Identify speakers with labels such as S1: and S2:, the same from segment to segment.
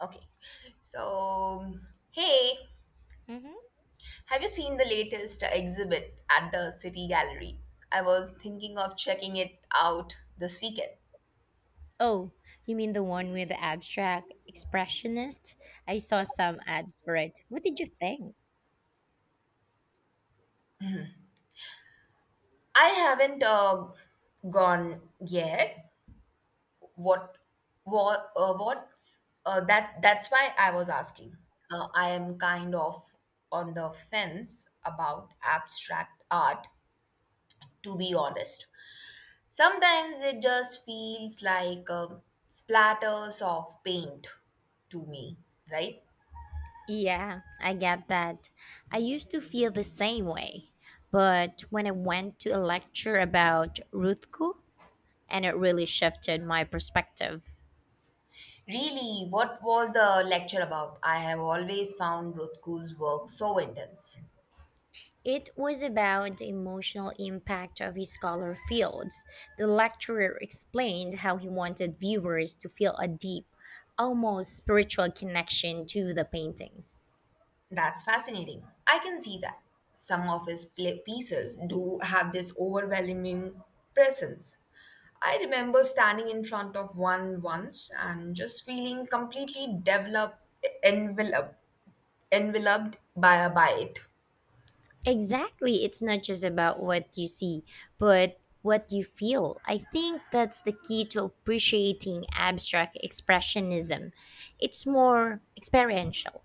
S1: Okay. So, hey,
S2: Hmm.
S1: have you seen the latest exhibit at the City Gallery? I was thinking of checking it out this weekend.
S2: Oh, you mean the one with the abstract expressionist? I saw some ads for it. What did you think?
S1: I haven't gone yet. What, what's that? That's why I was asking. I am kind of on the fence about abstract art, to be honest. Sometimes it just feels like splatters of paint to me, right?
S2: Yeah, I get that. I used to feel the same way. But when I went to a lecture about Ruthku, and it really shifted my perspective.
S1: Really, what was the lecture about? I have always found Rothko's work so intense.
S2: It was about the emotional impact of his scholar fields. The lecturer explained how he wanted viewers to feel a deep, almost spiritual connection to the paintings.
S1: That's fascinating. I can see that. Some of his pieces do have this overwhelming presence. I remember standing in front of one once and just feeling enveloped, enveloped by it.
S2: Exactly. It's not just about what you see, but what you feel. I think that's the key to appreciating abstract expressionism. It's more experiential.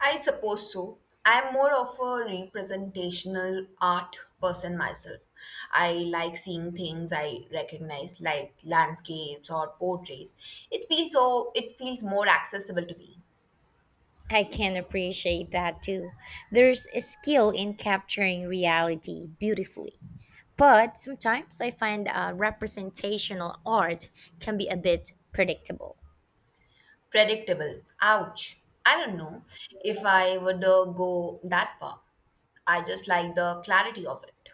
S1: I suppose so. I'm more of a representational art person myself. I like seeing things I recognize, like landscapes or portraits. It feels so. It feels more accessible to me,
S2: I can appreciate that too. There's a skill in capturing reality beautifully. But sometimes I find representational art can be a bit predictable.
S1: predictable. Ouch! I don't know if I would go that far. I just like the clarity of it.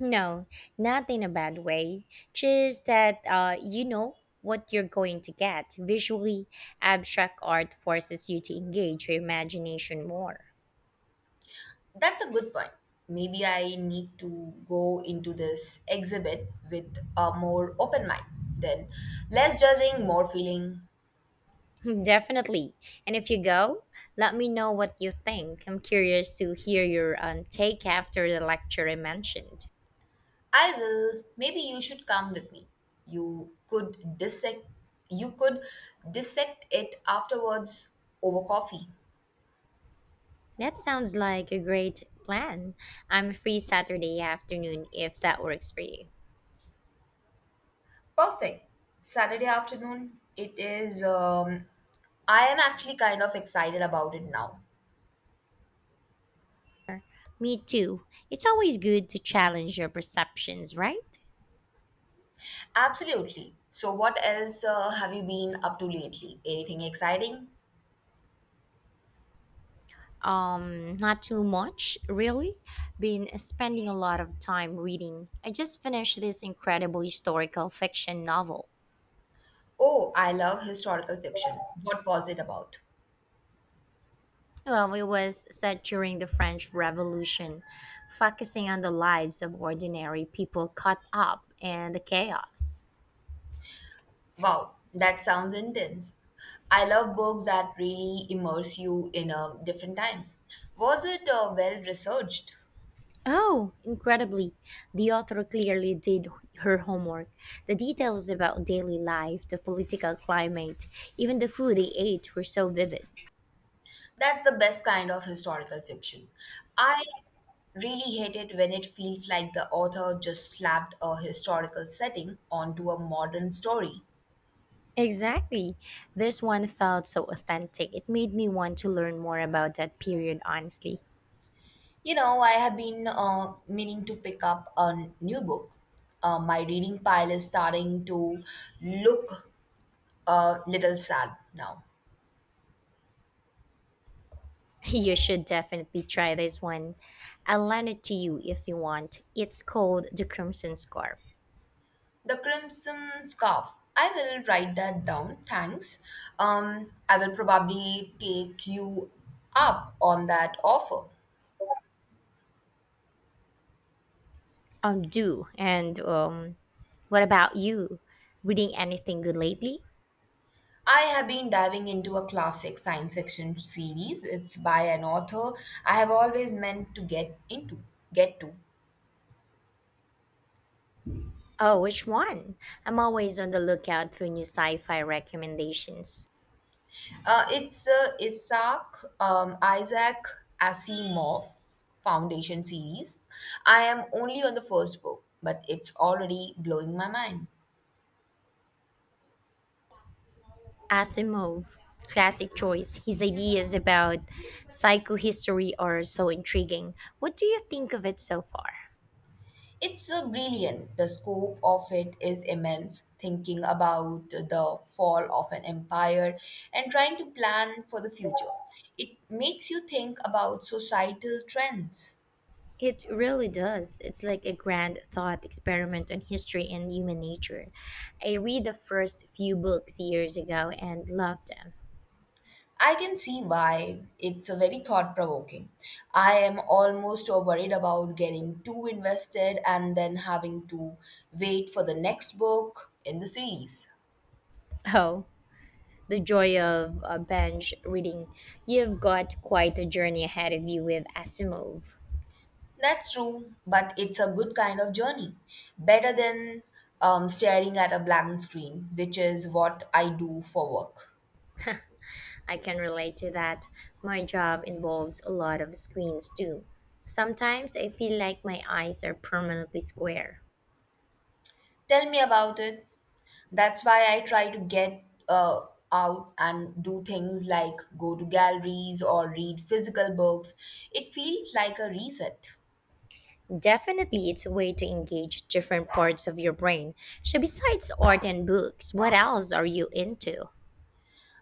S2: No, not in a bad way. Just that uh, what you're going to get. Visually, abstract art forces you to engage your imagination more.
S1: That's a good point. Maybe I need to go into this exhibit with a more open mind. Then, less judging, more feeling.
S2: Definitely. And if you go, let me know what you think. I'm curious to hear your take after the lecture I mentioned.
S1: I will. Maybe you should come with me. You could dissect. You could dissect it afterwards over coffee.
S2: That sounds like a great plan. I'm free Saturday afternoon if that works for you.
S1: Perfect. Saturday afternoon. It is. I am actually kind of excited about it now.
S2: Me too. It's always good to challenge your perceptions, right?
S1: Absolutely. So, what else have you been up to lately? Anything exciting?
S2: Not too much, really. Been spending a lot of time reading. I just finished this incredible historical fiction novel.
S1: Oh, I love historical fiction. What was it about?
S2: Well, it was set during the French Revolution, focusing on the lives of ordinary people caught up in the chaos.
S1: Wow, that sounds intense. I love books that really immerse you in a different time. Was it well researched?
S2: Oh, incredibly. The author clearly did her homework. The details about daily life, the political climate, even the food they ate were so vivid.
S1: That's the best kind of historical fiction. I really hate it when it feels like the author just slapped a historical setting onto a modern story.
S2: Exactly. This one felt so authentic. It made me want to learn more about that period, honestly.
S1: You know, I have been meaning to pick up a new book. My reading pile is starting to look a little sad now.
S2: You should definitely try this one. I'll lend it to you if you want. It's called The Crimson Scarf.
S1: The crimson scarf. I will write that down. Thanks. I will probably take you up on that offer.
S2: Do. And, what about you? Reading anything good lately?
S1: I have been diving into a classic science fiction series. It's by an author I have always meant to get to.
S2: Oh, which one? I'm always on the lookout for new sci fi recommendations.
S1: It's Isaac Asimov's Foundation series. I am only on the first book, but it's already blowing my mind.
S2: Asimov, classic choice. His ideas about psychohistory are so intriguing. What do you think of it so far?
S1: It's brilliant. The scope of it is immense. Thinking about the fall of an empire and trying to plan for the future, it makes you think about societal trends.
S2: It really does. It's like a grand thought experiment on history and human nature. I read the first few books years ago and loved them.
S1: I can see why it's a very thought provoking. I am almost worried about getting too invested and then having to wait for the next book in the series.
S2: Oh, the joy of bench reading. You've got quite a journey ahead of you with Asimov.
S1: That's true, but it's a good kind of journey. Better than staring at a blank screen, which is what I do for work.
S2: I can relate to that. My job involves a lot of screens too. Sometimes I feel like my eyes are permanently square.
S1: Tell me about it. That's why I try to get uh, out and do things like go to galleries or read physical books. It feels like a reset.
S2: Definitely, it's a way to engage different parts of your brain. So, besides art and books, what else are you into?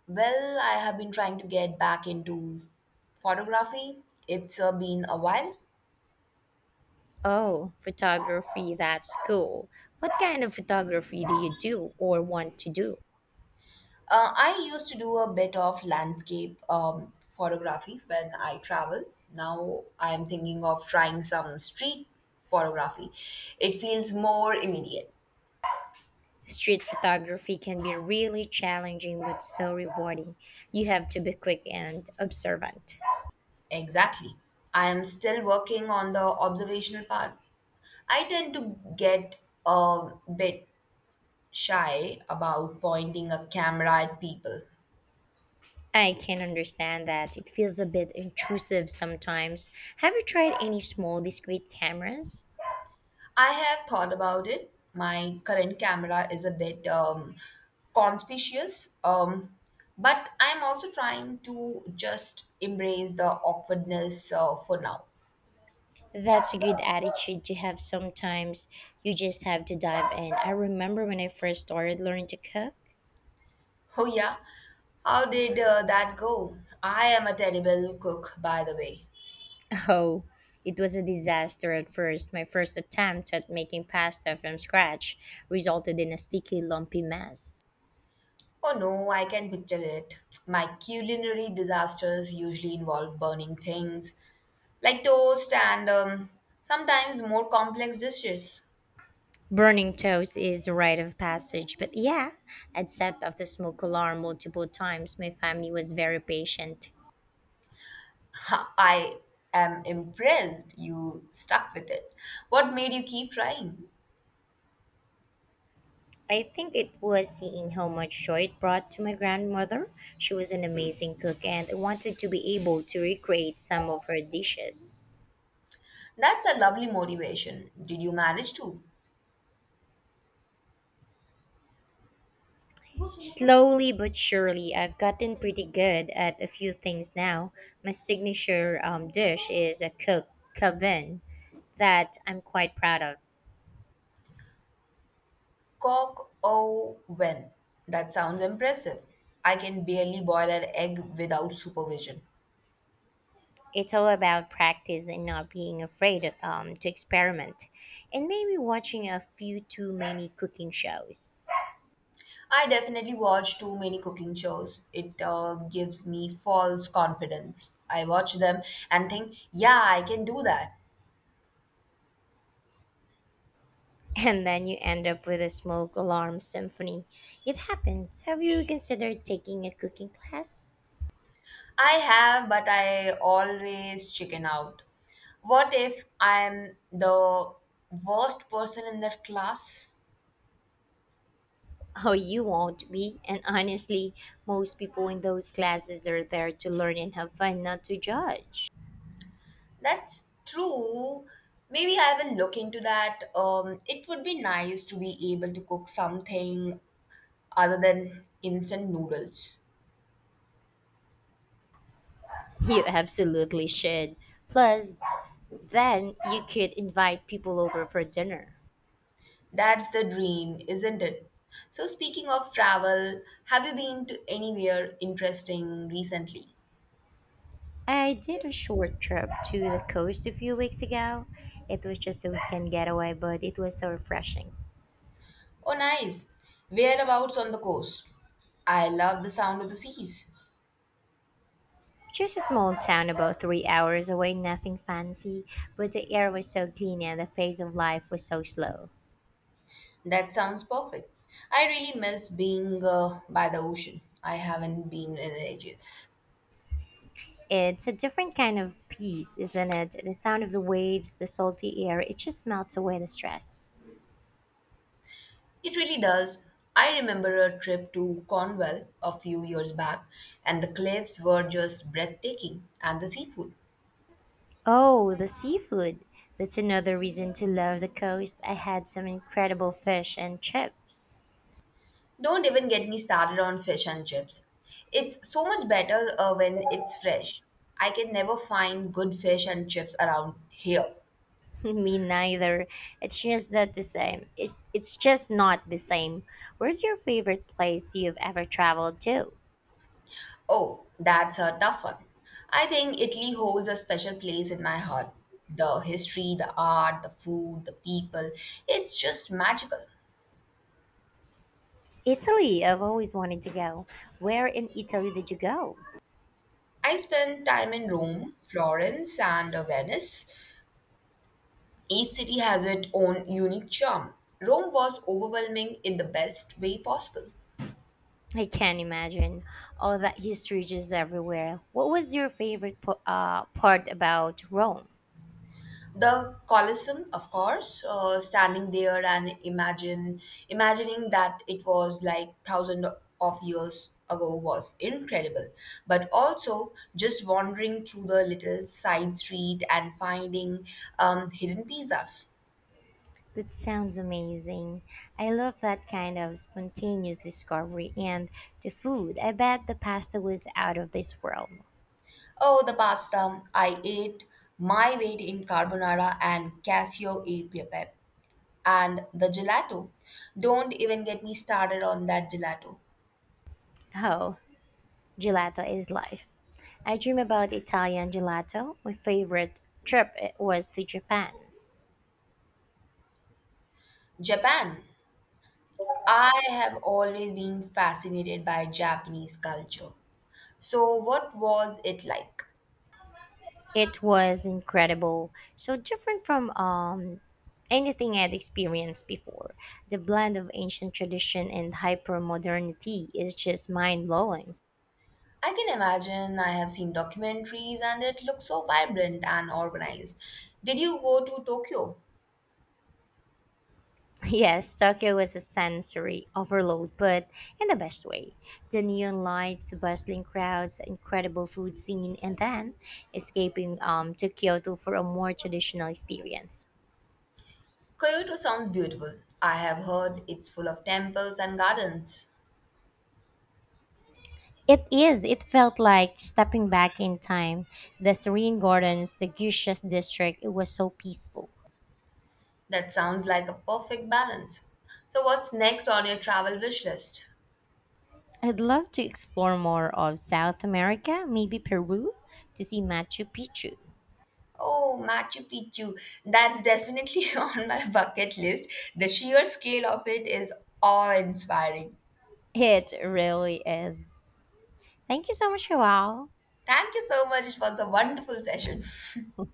S1: Well, I have been trying to get back into photography. It's been a while.
S2: Oh, photography, that's cool. What kind of photography do you do or want to do?
S1: I used to do a bit of landscape photography when I travel. Now I'm thinking of trying some street photography. It feels more immediate.
S2: Street photography can be really challenging but so rewarding. You have to be quick and observant.
S1: Exactly. I am still working on the observational part. I tend to get a bit shy about pointing a camera at people.
S2: I can understand that. It feels a bit intrusive sometimes. Have you tried any small, discreet cameras?
S1: I have thought about it. My current camera is a bit conspicuous, but I'm also trying to just embrace the awkwardness for now.
S2: That's a good attitude to have sometimes. You just have to dive in. I remember when I first started learning to cook.
S1: Oh, yeah. How did that go? I am a terrible cook, by the way.
S2: Oh, it was a disaster at first. My first attempt at making pasta from scratch resulted in a sticky, lumpy mess.
S1: Oh no, I can picture it. My culinary disasters usually involve burning things like toast and sometimes more complex dishes.
S2: Burning toast is a rite of passage, but yeah, I'd set off the smoke alarm multiple times. My family was very patient.
S1: Ha, I am impressed you stuck with it. What made you keep trying?
S2: I think it was seeing how much joy it brought to my grandmother. She was an amazing cook and I wanted to be able to recreate some of her dishes.
S1: That's a lovely motivation. Did you manage to?
S2: Slowly but surely, I've gotten pretty good at a few things now. My signature dish is a cooked coven that I'm quite proud of.
S1: Cock or when? That sounds impressive. I can barely boil an egg without supervision.
S2: It's all about practice and not being afraid to experiment, and maybe watching a few too many cooking shows.
S1: I definitely watch too many cooking shows. It gives me false confidence. I watch them and think, yeah, I can do that.
S2: And then you end up with a smoke alarm symphony. It happens. Have you considered taking a cooking class?
S1: I have, but I always chicken out. What if I'm the worst person in that class?
S2: Oh, you won't be. And honestly, most people in those classes are there to learn and have fun, not to judge.
S1: That's true. Maybe I will look into that. It would be nice to be able to cook something other than instant noodles.
S2: You absolutely should. Plus, then you could invite people over for dinner.
S1: That's the dream, isn't it? So, speaking of travel, have you been to anywhere interesting recently?
S2: I did a short trip to the coast a few weeks ago. It was just a weekend getaway, but it was so refreshing.
S1: Oh, nice. Whereabouts on the coast? I love the sound of the seas.
S2: Just a small town about 3 hours away, nothing fancy, but the air was so clean and the pace of life was so slow.
S1: That sounds perfect. I really miss being by the ocean. I haven't been in ages.
S2: It's a different kind of peace, isn't it? The sound of the waves, the salty air, it just melts away the stress.
S1: It really does. I remember a trip to Cornwall a few years back, and the cliffs were just breathtaking, and the seafood.
S2: Oh, the seafood! That's another reason to love the coast. I had some incredible fish and chips.
S1: Don't even get me started on fish and chips. It's so much better when it's fresh. I can never find good fish and chips around here.
S2: Me neither. It's just not the same. It's just not the same. Where's your favorite place you've ever traveled to?
S1: Oh, that's a tough one. I think Italy holds a special place in my heart. The history, the art, the food, the people, it's just magical.
S2: Italy, I've always wanted to go. Where in Italy did you go?
S1: I spent time in Rome, Florence, and Venice. Each city has its own unique charm. Rome was overwhelming in the best way possible.
S2: I can't imagine. All that history just everywhere. What was your favorite part about Rome?
S1: The Colosseum, of course, standing there and imagine imagining that it was like thousand of years ago was incredible. But also just wandering through the little side street and finding hidden pizzas.
S2: That sounds amazing. I love that kind of spontaneous discovery and the food. I bet the pasta was out of this world.
S1: Oh, the pasta! I ate my weight in carbonara and cassio e pepe. And the gelato. Don't even get me started on that gelato.
S2: Oh, gelato is life. I dream about Italian gelato. My favorite trip was to Japan.
S1: Japan. I have always been fascinated by Japanese culture. So, what was it like?
S2: It was incredible. So different from anything I'd experienced before. The blend of ancient tradition and hyper modernity is just mind blowing.
S1: I can imagine I have seen documentaries and it looks so vibrant and organized. Did you go to Tokyo?
S2: Yes, Tokyo was a sensory overload, but in the best way. The neon lights, the bustling crowds, the incredible food scene, and then escaping to Kyoto for a more traditional experience.
S1: Kyoto sounds beautiful. I have heard it's full of temples and gardens.
S2: It is. It felt like stepping back in time. The serene gardens, the Gushas district, it was so peaceful.
S1: That sounds like a perfect balance. So, what's next on your travel wish list?
S2: I'd love to explore more of South America, maybe Peru, to see Machu Picchu.
S1: Oh, Machu Picchu. That's definitely on my bucket list. The sheer scale of it is awe-inspiring.
S2: It really is. Thank you so much, Joao.
S1: Thank you so much. It was a wonderful session.